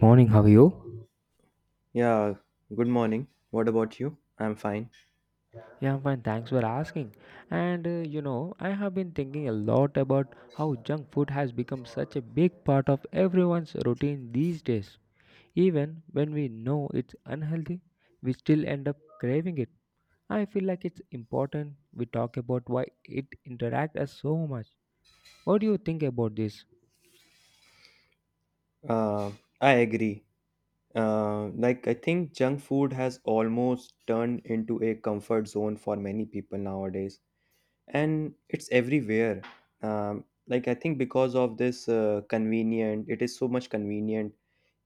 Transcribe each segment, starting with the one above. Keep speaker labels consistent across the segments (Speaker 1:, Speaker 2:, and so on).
Speaker 1: Morning, how are you?
Speaker 2: Yeah, good morning. What about you? I'm fine.
Speaker 1: Yeah, I'm fine. Thanks for asking. And I have been thinking a lot about how junk food has become such a big part of everyone's routine these days. Even when we know it's unhealthy, we still end up craving it. I feel like it's important we talk about why it interacts us so much. What do you think about this?
Speaker 2: Uh, I agree. Like, I think junk food has almost turned into a comfort zone for many people nowadays, and it's everywhere. Like, I think because of this convenient, it is so much convenient,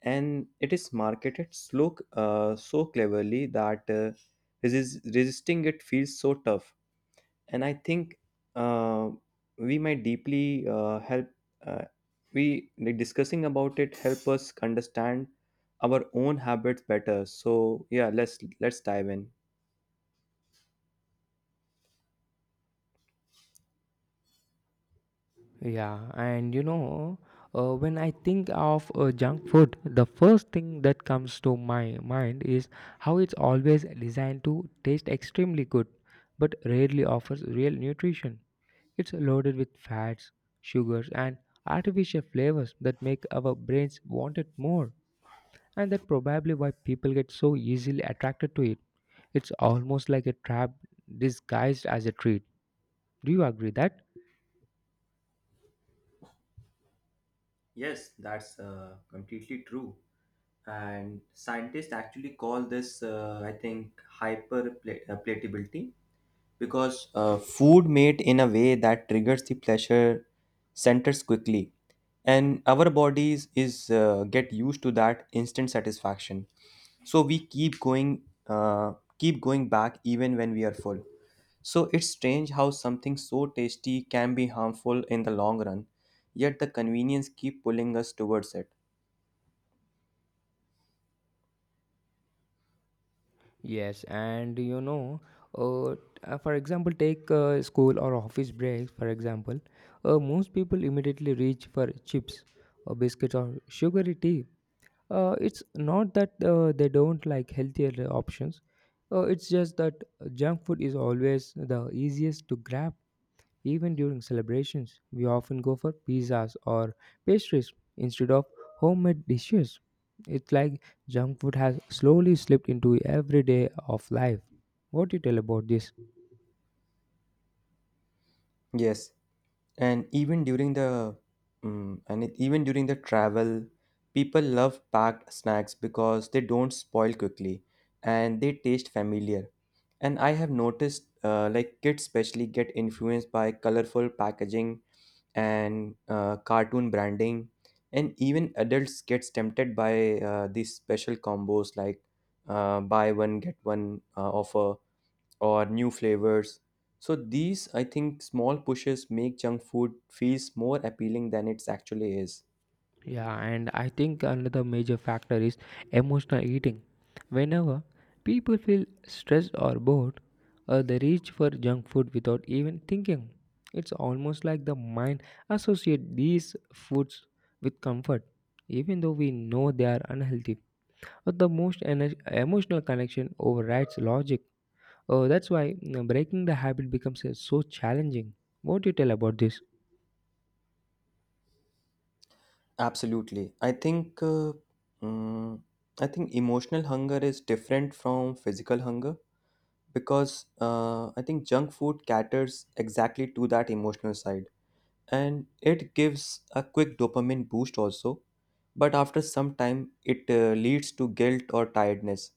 Speaker 2: and it is marketed slow, so cleverly that resisting it feels so tough. And I think uh, we might deeply help uh, we like discussing about it help us understand our own habits better. So, yeah, let's dive in.
Speaker 1: Yeah, and when I think of junk food, the first thing that comes to my mind is how it's always designed to taste extremely good, but rarely offers real nutrition. It's loaded with fats, sugars, and artificial flavors that make our brains want it more, and that probably why people get so easily attracted to it. It's almost like a trap disguised as a treat. Do you agree that?
Speaker 2: Yes, that's completely true. And scientists actually call this, I think, hyperpalatability. Because food made in a way that triggers the pleasure centers quickly, and our bodies is get used to that instant satisfaction, so we keep going, keep going back even when we are full. So it's strange how something so tasty can be harmful in the long run, yet the convenience keep pulling us towards it.
Speaker 1: Yes, and uh, for example, take school or office breaks. For example, most people immediately reach for chips, or biscuits, or sugary tea. It's not that they don't like healthier options. It's just that junk food is always the easiest to grab. Even during celebrations, we often go for pizzas or pastries instead of homemade dishes. It's like junk food has slowly slipped into every day of life. What do you tell about this?
Speaker 2: Yes, and even during the even during the travel, people love packed snacks because they don't spoil quickly, and they taste familiar. And I have noticed like kids especially get influenced by colorful packaging and cartoon branding. And even adults gets tempted by these special combos like buy one get one offer or new flavors. So these, I think, small pushes make junk food feels more appealing than it actually is.
Speaker 1: Yeah, and I think another major factor is emotional eating. Whenever people feel stressed or bored, they reach for junk food without even thinking. It's almost like the mind associate these foods with comfort, even though we know they are unhealthy. But the most emotional connection overrides logic. That's why breaking the habit becomes so challenging. What do you tell about this?
Speaker 2: Absolutely, I think. Mm, I think emotional hunger is different from physical hunger, because I think junk food caters exactly to that emotional side, and it gives a quick dopamine boost also. But after some time, it leads to guilt or tiredness.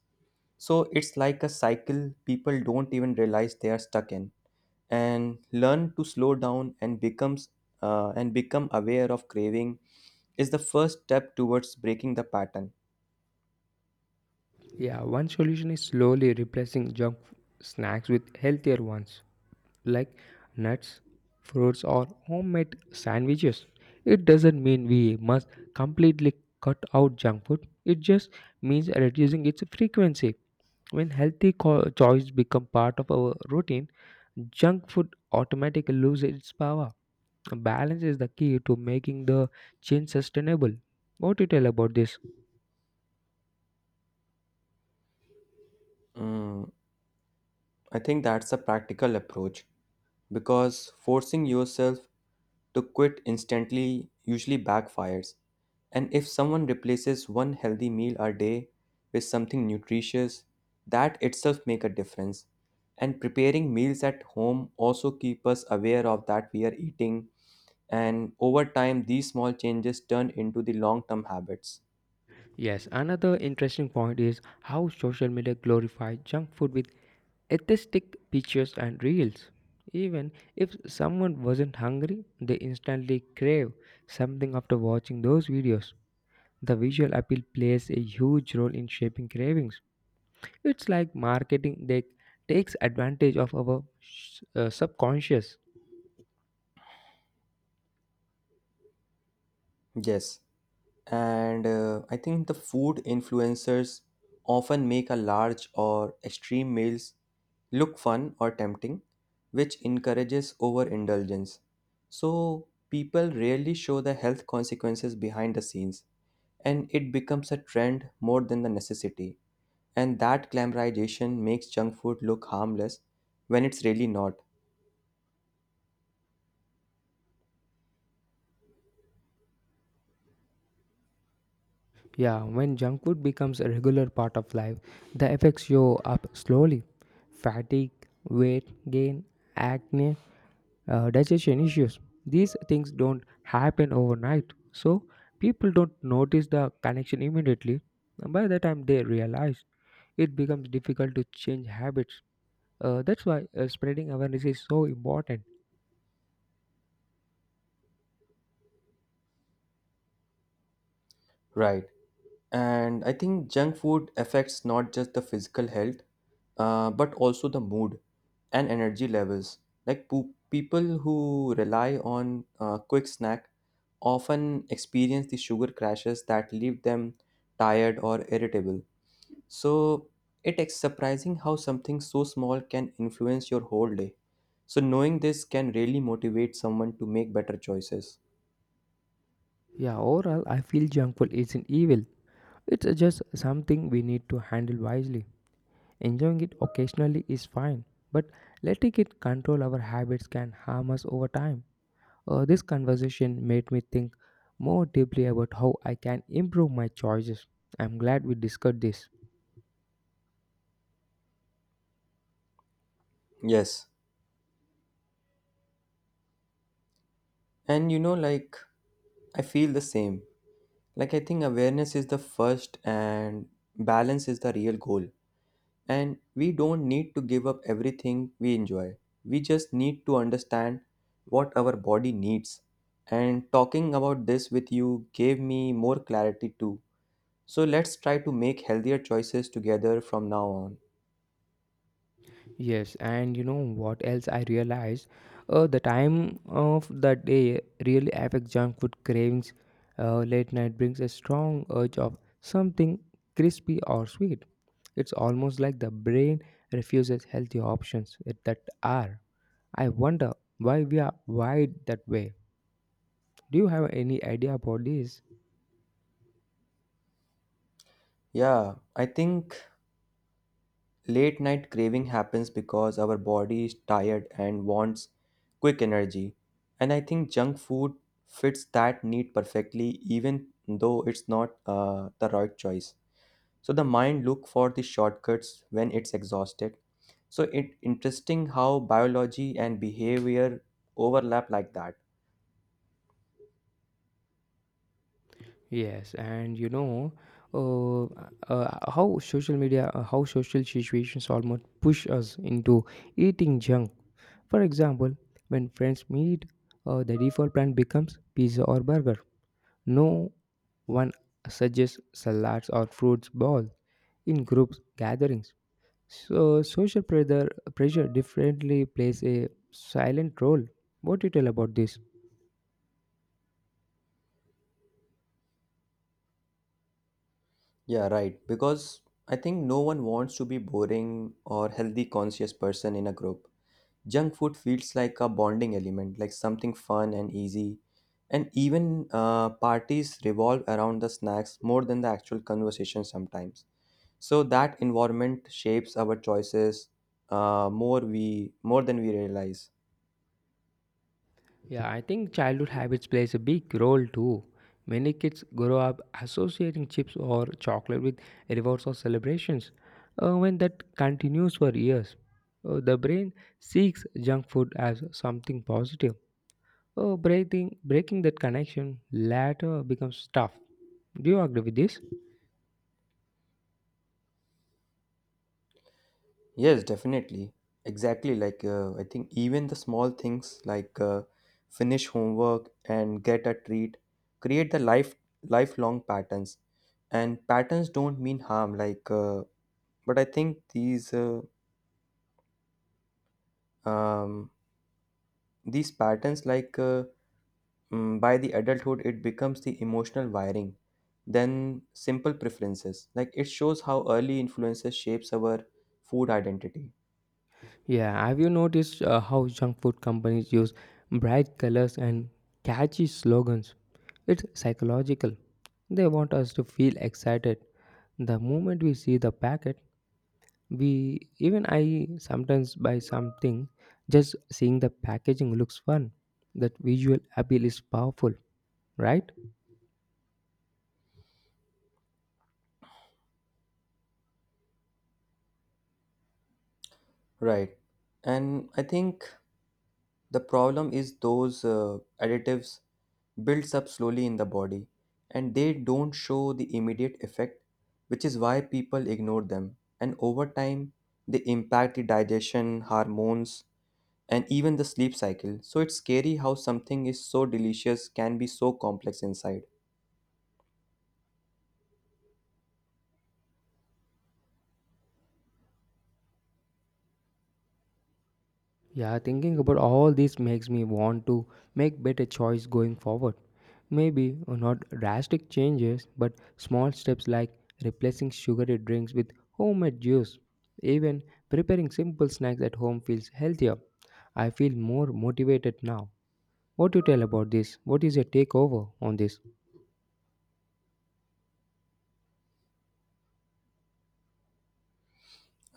Speaker 2: So it's like a cycle people don't even realize they are stuck in. And learn to slow down and become aware of craving is the first step towards breaking the pattern.
Speaker 1: Yeah, one solution is slowly replacing snacks with healthier ones like nuts, fruits, or homemade sandwiches. It doesn't mean we must completely cut out junk food, it just means reducing its frequency. When healthy choices become part of our routine, junk food automatically loses its power. Balance is the key to making the change sustainable. What do you tell about this?
Speaker 2: Mm, I think that's a practical approach, because forcing yourself to quit instantly usually backfires. And if someone replaces one healthy meal a day with something nutritious, that itself make a difference. And preparing meals at home also keep us aware of that we are eating, and over time these small changes turn into the long term habits.
Speaker 1: Yes, another interesting point is how social media glorifies junk food with aesthetic pictures and reels. Even if someone wasn't hungry, they instantly crave something after watching those videos. The visual appeal plays a huge role in shaping cravings. It's like marketing that takes advantage of our subconscious.
Speaker 2: Yes. And I think the food influencers often make a large or extreme meals look fun or tempting, which encourages overindulgence. So people rarely show the health consequences behind the scenes, and it becomes a trend more than the necessity. And that glamorization makes junk food look harmless when it's really not.
Speaker 1: Yeah, when junk food becomes a regular part of life, the effects show up slowly. Fatigue, weight gain, acne, digestion issues. These things don't happen overnight. So people don't notice the connection immediately. By the time they realize, it becomes difficult to change habits. That's why spreading awareness is so important.
Speaker 2: Right. And I think junk food affects not just the physical health, but also the mood and energy levels. Like people who rely on a quick snack often experience the sugar crashes that leave them tired or irritable. So it is surprising how something so small can influence your whole day. So knowing this can really motivate someone to make better choices.
Speaker 1: Yeah, overall, I feel junk food isn't evil. It's just something we need to handle wisely. Enjoying it occasionally is fine, but letting it control our habits can harm us over time. This conversation made me think more deeply about how I can improve my choices. I'm glad we discussed this.
Speaker 2: Yes. And like, I feel the same. Like, I think awareness is the first, and balance is the real goal. And we don't need to give up everything we enjoy. We just need to understand what our body needs. And talking about this with you gave me more clarity too. So, let's try to make healthier choices together from now on.
Speaker 1: Yes, and you know what else I realized? The time of the day really affects junk food cravings. Late night brings a strong urge of something crispy or sweet. It's almost like the brain refuses healthy options at that hour. I wonder why we are wired that way. Do you have any idea about this?
Speaker 2: Yeah, I think late night craving happens because our body is tired and wants quick energy. And I think junk food fits that need perfectly, even though it's not the right choice. So the mind look for the shortcuts when it's exhausted. So it interesting how biology and behavior overlap like that.
Speaker 1: Yes, and uh, how social situations almost push us into eating junk. For example, when friends meet, the default plan becomes pizza or burger. No one suggests salads or fruits bowl in groups gatherings. So social pressure differently plays a silent role. What do you tell about this?
Speaker 2: Yeah, right. Because I think no one wants to be boring or healthy conscious person in a group. Junk food feels like a bonding element, like something fun and easy. And even parties revolve around the snacks more than the actual conversation sometimes. So that environment shapes our choices, more than we realize.
Speaker 1: Yeah, I think childhood habits plays a big role too. Many kids grow up associating chips or chocolate with rewards or celebrations. When that continues for years, the brain seeks junk food as something positive. Oh, breaking that connection later becomes tough. Do you agree with this?
Speaker 2: Yes, definitely. Exactly. Like I think even the small things like finish homework and get a treat create the lifelong patterns. And patterns don't mean harm. Like but I think um, these patterns like by the adulthood it becomes the emotional wiring, then simple preferences. Like it shows how early influences shapes our food identity.
Speaker 1: Yeah, have you noticed how junk food companies use bright colors and catchy slogans? It's psychological. They want us to feel excited. The moment we see the packet, we even I sometimes buy something just seeing the packaging looks fun. That visual appeal is powerful, right?
Speaker 2: Right. And I think the problem is those additives builds up slowly in the body, and they don't show the immediate effect, which is why people ignore them. And over time they impact the digestion hormones and even the sleep cycle. So it's scary how something is so delicious can be so complex inside.
Speaker 1: Yeah, thinking about all this makes me want to make better choice going forward. Maybe not drastic changes, but small steps like replacing sugary drinks with homemade juice. Even preparing simple snacks at home feels healthier. I feel more motivated now. What do you tell about this? What is your takeover on this?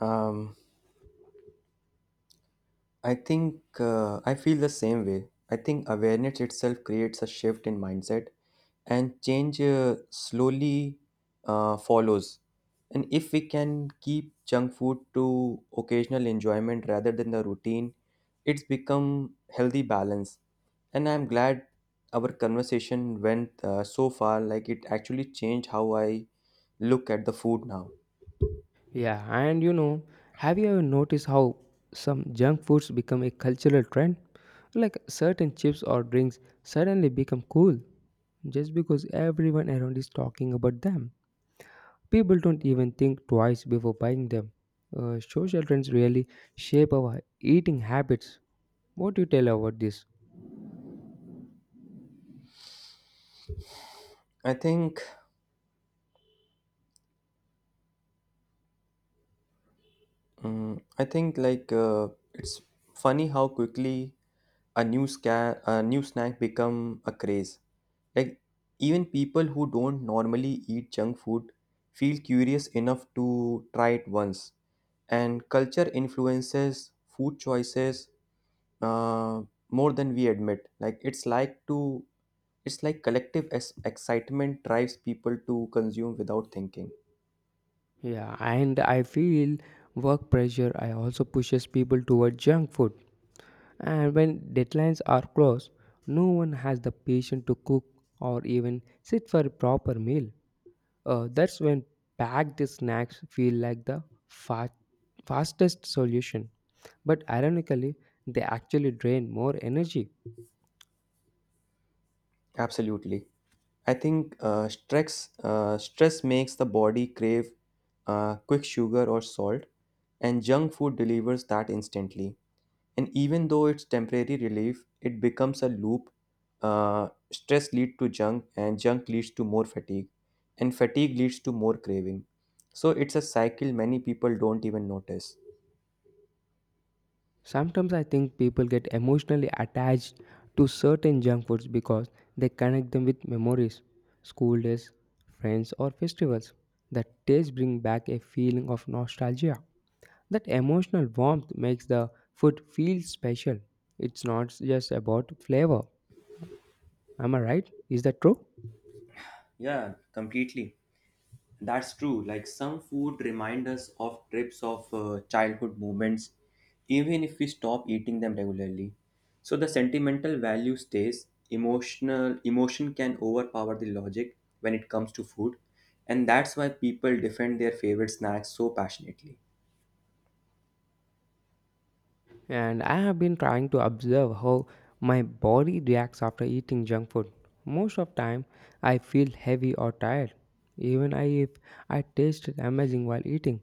Speaker 2: Um, I think I feel the same way. I think awareness itself creates a shift in mindset, and change slowly follows. And if we can keep junk food to occasional enjoyment rather than the routine, it's become healthy balance. And I'm glad our conversation went so far. Like it actually changed how I look at the food now.
Speaker 1: Yeah, and have you ever noticed how some junk foods become a cultural trend? Like certain chips or drinks suddenly become cool just because everyone around is talking about them. People don't even think twice before buying them. Social trends really shape our eating habits. What do you tell about this?
Speaker 2: I think, I think like it's funny how quickly a new snack become a craze. Like even people who don't normally eat junk food feel curious enough to try it once. And culture influences food choices uh, more than we admit. Like it's like collective excitement drives people to consume without thinking.
Speaker 1: Yeah, and I feel work pressure I also pushes people toward junk food. And when deadlines are close, no one has the patience to cook or even sit for a proper meal. That's when packed snacks feel like the fastest solution. But ironically, they actually drain more energy.
Speaker 2: Absolutely. I think stress makes the body crave quick sugar or salt, and junk food delivers that instantly. And even though it's temporary relief, it becomes a loop. Stress leads to junk, and junk leads to more fatigue, and fatigue leads to more craving. So it's a cycle many people don't even notice.
Speaker 1: Sometimes I think people get emotionally attached to certain junk foods because they connect them with memories, school days, friends, or festivals. The taste brings back a feeling of nostalgia. That emotional warmth makes the food feel special. It's not just about flavor. Am I right? Is that true?
Speaker 2: Yeah, completely. That's true. Like some food remind us of trips of childhood moments, even if we stop eating them regularly. So the sentimental value stays. Emotion can overpower the logic when it comes to food, and that's why people defend their favorite snacks so passionately.
Speaker 1: And I have been trying to observe how my body reacts after eating junk food. Most of time I feel heavy or tired. Even I, if I taste amazing while eating.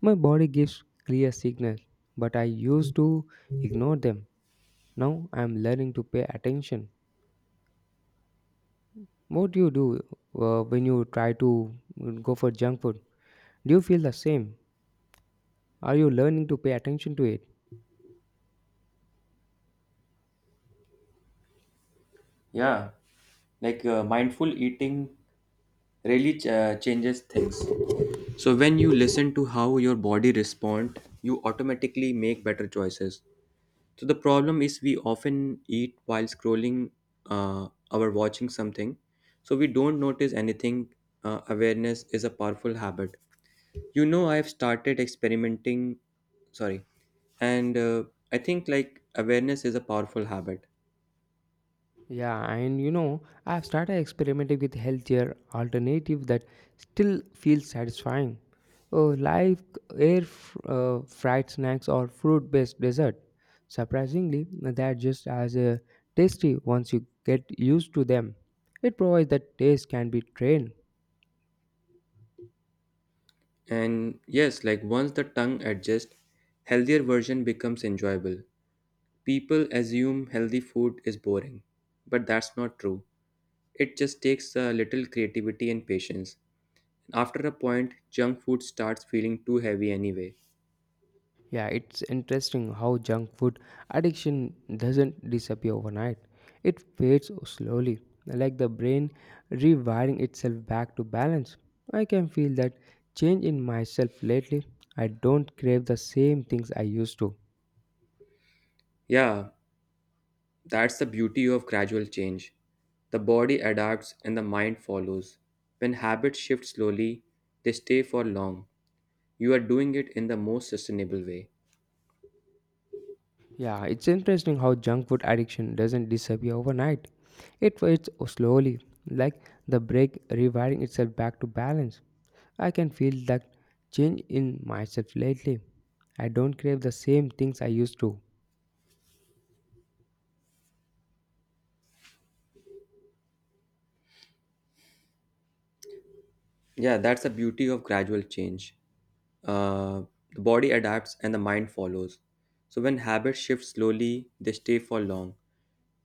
Speaker 1: My body gives clear signals, but I used to ignore them. Now I'm learning to pay attention. What do you do when you try to go for junk food? Do you feel the same? Are you learning to pay attention to it?
Speaker 2: Yeah, like mindful eating really changes things. So when you listen to how your body respond, you automatically make better choices. So the problem is we often eat while scrolling or watching something. So we don't notice anything. Awareness is a powerful habit. I've started experimenting. Sorry. And I think like awareness is a powerful habit.
Speaker 1: Yeah, and I've started experimenting with healthier alternative that still feels satisfying. Oh, like air fried snacks or fruit-based dessert. Surprisingly, they're just as tasty once you get used to them. It provides that taste can be trained.
Speaker 2: And yes, like once the tongue adjusts, healthier version becomes enjoyable. People assume healthy food is boring, but that's not true. It just takes a little creativity and patience. After a point, junk food starts feeling too heavy anyway.
Speaker 1: Yeah, it's interesting how junk food addiction doesn't disappear overnight. It fades slowly, like the brain rewiring itself back to balance. I can feel that change in myself lately. I don't crave the same things I used to.
Speaker 2: Yeah, that's the beauty of gradual change. The body adapts and the mind follows. When habits shift slowly, they stay for long. You are doing it in the most sustainable way.
Speaker 1: Yeah, it's interesting how junk food addiction doesn't disappear overnight. It fades slowly, like the brain rewiring itself back to balance. I can feel that change in myself lately. I don't crave the same things I used to.
Speaker 2: Yeah, that's the beauty of gradual change. Uh, the body adapts and the mind follows. So when habits shift slowly, they stay for long.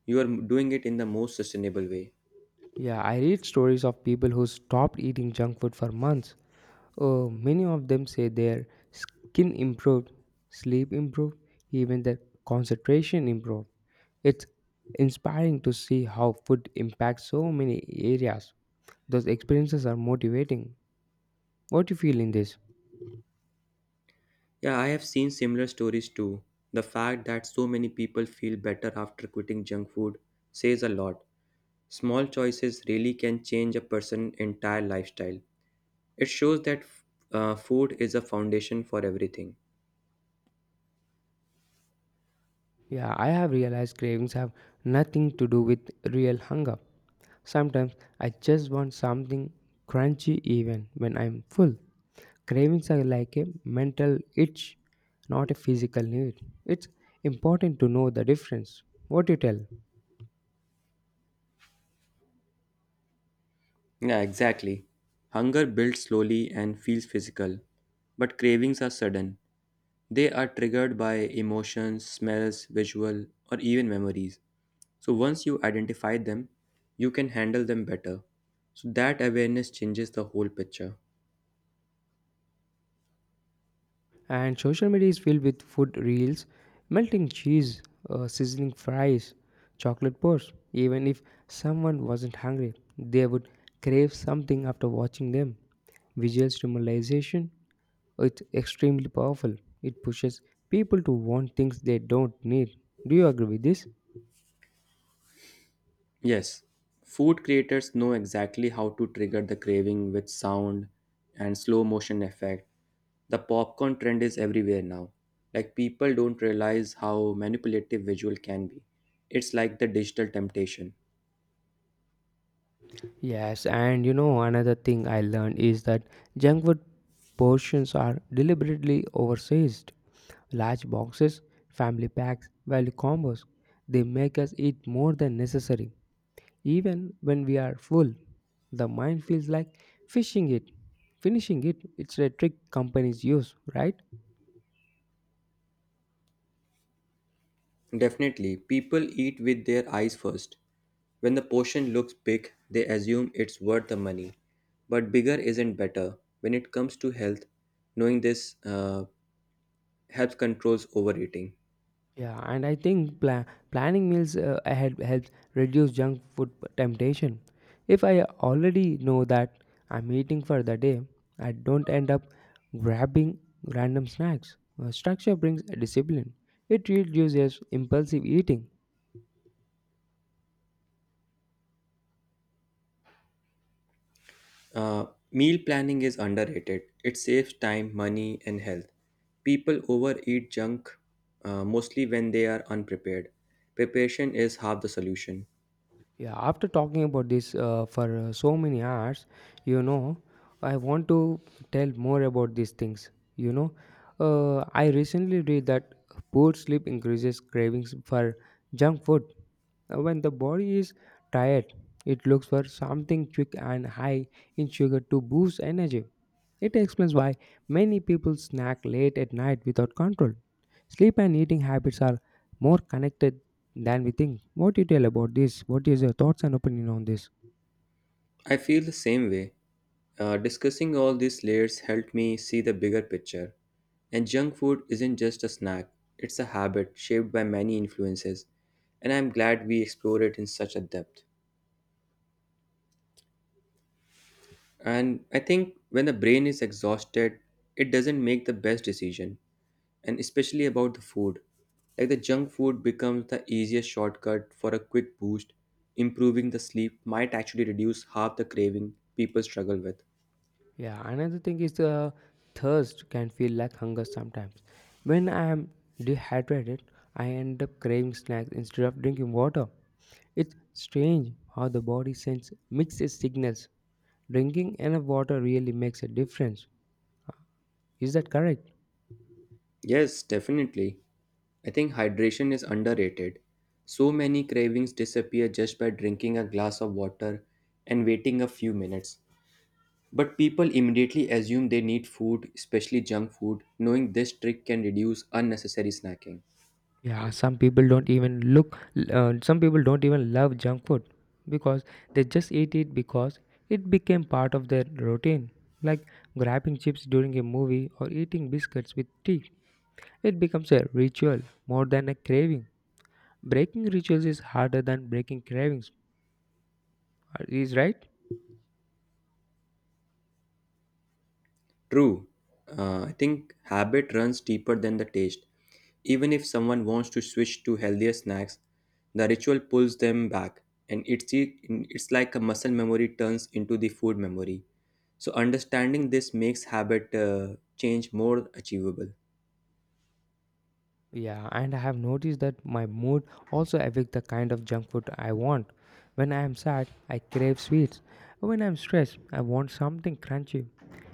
Speaker 2: You are doing it in the most sustainable way.
Speaker 1: Yeah, I read stories of people who stopped eating junk food for months. Oh, many of them say their skin improved, sleep improved, even their concentration improved. It's inspiring to see how food impacts so many areas. Those experiences are motivating. What do you feel in this?
Speaker 2: Yeah, I have seen similar stories too. The fact that so many people feel better after quitting junk food says a lot. Small choices really can change a person's entire lifestyle. It shows that food is a foundation for everything.
Speaker 1: Yeah, I have realized cravings have nothing to do with real hunger. Sometimes I just want something crunchy even when I'm full. Cravings are like a mental itch, not a physical need. It's important to know the difference. What do you tell?
Speaker 2: Yeah, exactly. Hunger builds slowly and feels physical, but cravings are sudden. They are triggered by emotions, smells, visual, or even memories. So once you identify them, you can handle them better. So that awareness changes the whole picture.
Speaker 1: And social media is filled with food reels, melting cheese, sizzling fries, chocolate bars. Even if someone wasn't hungry, they would crave something after watching them. Visual stimulation is extremely powerful. It pushes people to want things they don't need. Do you agree with this?
Speaker 2: Yes, food creators know exactly how to trigger the craving with sound and slow motion effect. The popcorn trend is everywhere now. Like people don't realize how manipulative visual can be. It's like the digital temptation.
Speaker 1: Yes, and another thing I learned is that junk food portions are deliberately oversized. Large boxes, family packs, value combos, they make us eat more than necessary. Even when we are full, the mind feels like fishing it, finishing it. It's a trick companies use, right?
Speaker 2: Definitely, people eat with their eyes first. When the portion looks big, they assume it's worth the money. But bigger isn't better. When it comes to health, knowing this helps controls overeating.
Speaker 1: Yeah, and I think planning meals ahead helps reduce junk food temptation. If I already know that I'm eating for the day, I don't end up grabbing random snacks. Structure brings discipline. It reduces impulsive eating.
Speaker 2: Uh, Meal planning is underrated. It saves time, money, and health. People overeat junk mostly when they are unprepared. Preparation is half the solution.
Speaker 1: Yeah, after talking about this for so many hours, you know, I want to tell more about these things. You know, I recently read that poor sleep increases cravings for junk food. When the body is tired, it looks for something quick and high in sugar to boost energy. It explains why many people snack late at night without control. Sleep and eating habits are more connected than we think. More detail about this. What is your thoughts and opinion on this?
Speaker 2: I feel the same way. Discussing all these layers helped me see the bigger picture. And junk food isn't just a snack, it's a habit shaped by many influences. And I'm glad we explored it in such a depth. And I think when the brain is exhausted, it doesn't make the best decision, and especially about the food. Like the junk food becomes the easiest shortcut for a quick boost. Improving the sleep might actually reduce half the craving people struggle with.
Speaker 1: Yeah, another thing is the thirst can feel like hunger sometimes. When I am dehydrated, I end up craving snacks instead of drinking water. It's strange how the body sends mixed signals. Drinking enough water really makes a difference. Is that correct?
Speaker 2: Yes, definitely. I think hydration is underrated. So many cravings disappear just by drinking a glass of water and waiting a few minutes. But people immediately assume they need food, especially junk food, knowing this trick can reduce unnecessary snacking.
Speaker 1: Yeah, some people don't even some people don't even love junk food because they just eat it because it became part of their routine. Like grabbing chips during a movie or eating biscuits with tea. It becomes a ritual more than a craving. Breaking rituals is harder than breaking cravings, is right?
Speaker 2: True, I think habit runs deeper than the taste. Even if someone wants to switch to healthier snacks, the ritual pulls them back, and it's like a muscle memory turns into the food memory. So understanding this makes habit change more achievable.
Speaker 1: Yeah, and I have noticed that my mood also affects the kind of junk food I want. When I am sad, I crave sweets. When I'm stressed, I want something crunchy.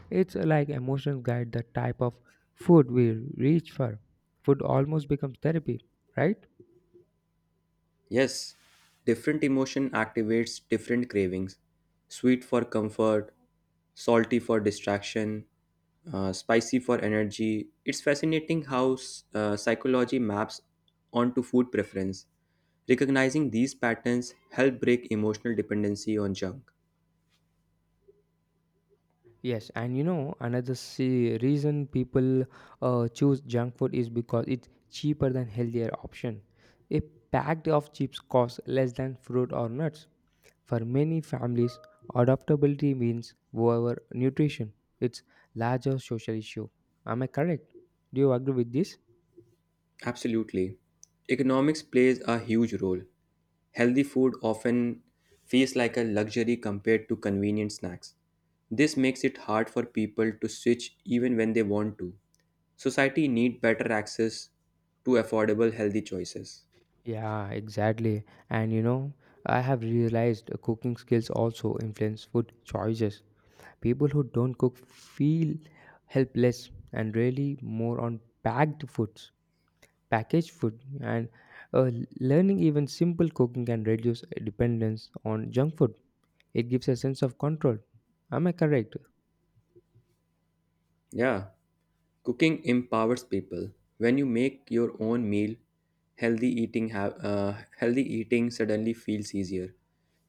Speaker 1: It's like emotions guide the type of food we reach for. Food almost becomes therapy, right?
Speaker 2: Yes, different emotion activates different cravings. Sweet for comfort, salty for distraction, spicy for energy. It's fascinating how psychology maps onto food preference. Recognizing these patterns help break emotional dependency on junk.
Speaker 1: Yes, and you know another reason people choose junk food is because it's cheaper than healthier option. A pack of chips costs less than fruit or nuts. For many families, adaptability means over nutrition. It's larger social issue. Am I correct? Do you agree with this?
Speaker 2: Absolutely. Economics plays a huge role. Healthy food often feels like a luxury compared to convenient snacks. This makes it hard for people to switch even when they want to. Society need better access to affordable healthy choices.
Speaker 1: Yeah, exactly. And I have realized cooking skills also influence food choices. People who don't cook feel helpless and really more on packed foods, packaged food, and uh, learning even simple cooking can reduce dependence on junk food. It gives a sense of control. Am I correct?
Speaker 2: Yeah. Cooking empowers people. When you make your own meal, healthy eating suddenly feels easier.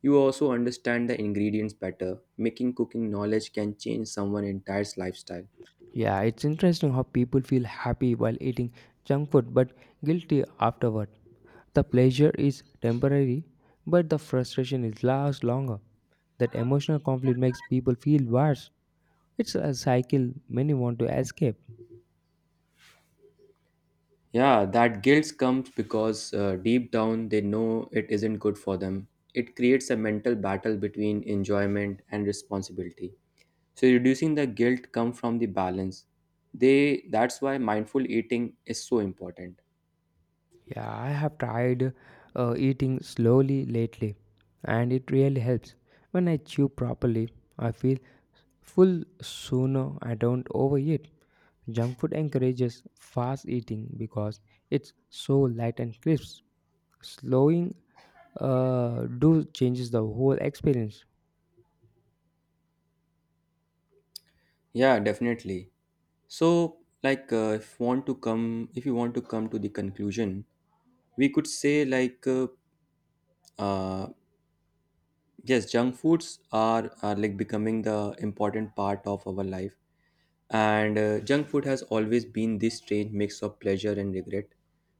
Speaker 2: You also understand the ingredients better. Making cooking knowledge can change someone's entire lifestyle.
Speaker 1: Yeah, it's interesting how people feel happy while eating junk food but guilty afterward. The pleasure is temporary, but the frustration is lasts longer. That emotional conflict makes people feel worse. It's a cycle many want to escape.
Speaker 2: Yeah, that guilt comes because deep down they know it isn't good for them. It creates a mental battle between enjoyment and responsibility. So reducing the guilt comes from the balance. They That's why mindful eating is so important.
Speaker 1: Yeah, I have tried eating slowly lately, and it really helps. When I chew properly, I feel full sooner. I don't overeat. Junk food encourages fast eating because it's so light and crisp. Slowing do changes the whole experience.
Speaker 2: Yeah, definitely. So, like, if you want to come to the conclusion, we could say like, uh, yes, junk foods are like becoming the important part of our life, and junk food has always been this strange mix of pleasure and regret,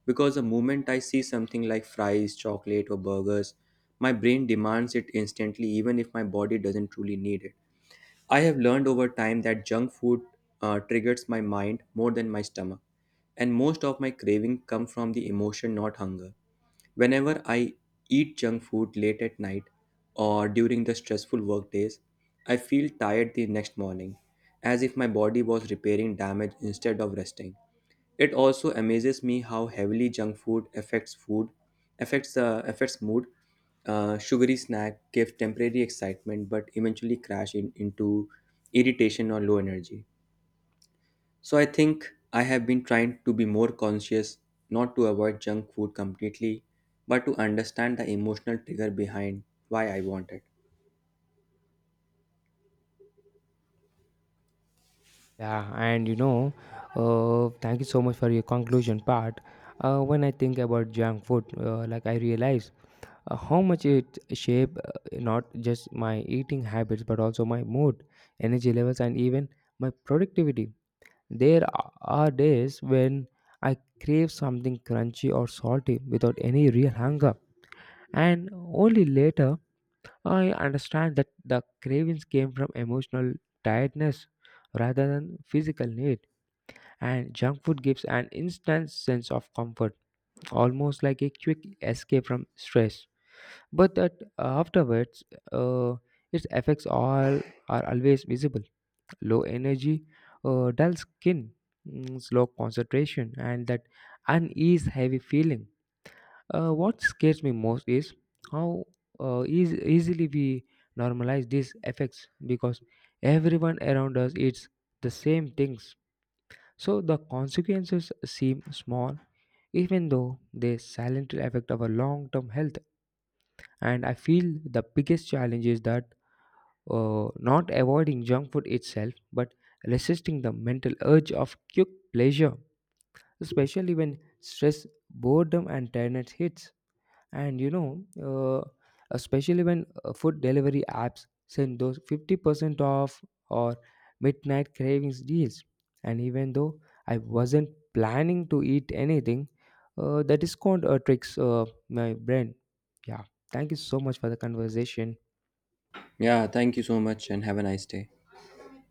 Speaker 2: because the moment I see something like fries, chocolate, or burgers, my brain demands it instantly, even if my body doesn't truly need it. I have learned over time that junk food triggers my mind more than my stomach, and most of my craving come from the emotion, not hunger. Whenever I eat junk food late at night or during the stressful work days, I feel tired the next morning, as if my body was repairing damage instead of resting. It also amazes me how heavily junk food affects food, affects mood. Sugary snack give temporary excitement, but eventually crash into irritation or low energy. So I think I have been trying to be more conscious, not to avoid junk food completely, but to understand the emotional trigger behind why I want it.
Speaker 1: Yeah, and thank you so much for your conclusion part. When I think about junk food, like I realize how much it shape not just my eating habits but also my mood, energy levels, and even my productivity. There are days when I crave something crunchy or salty without any real hunger, and only later I understand that the cravings came from emotional tiredness rather than physical need and junk food gives an instant sense of comfort, almost like a quick escape from stress. But that afterwards, uh, its effects all are always visible: low energy, dull skin, slow concentration, and that unease, heavy feeling. What scares me most is how easily we normalize these effects because everyone around us eats the same things so the consequences seem small, even though they silently affect our long term health. And I feel the biggest challenge is that not avoiding junk food itself, but resisting the mental urge of quick pleasure, especially when stress, boredom, and tiredness hits. And especially when food delivery apps send those 50% off or midnight cravings deals. And even though I wasn't planning to eat anything, that is called tricks my brain. Yeah. Thank you so much for the conversation.
Speaker 2: Yeah, thank you so much, and have a nice day.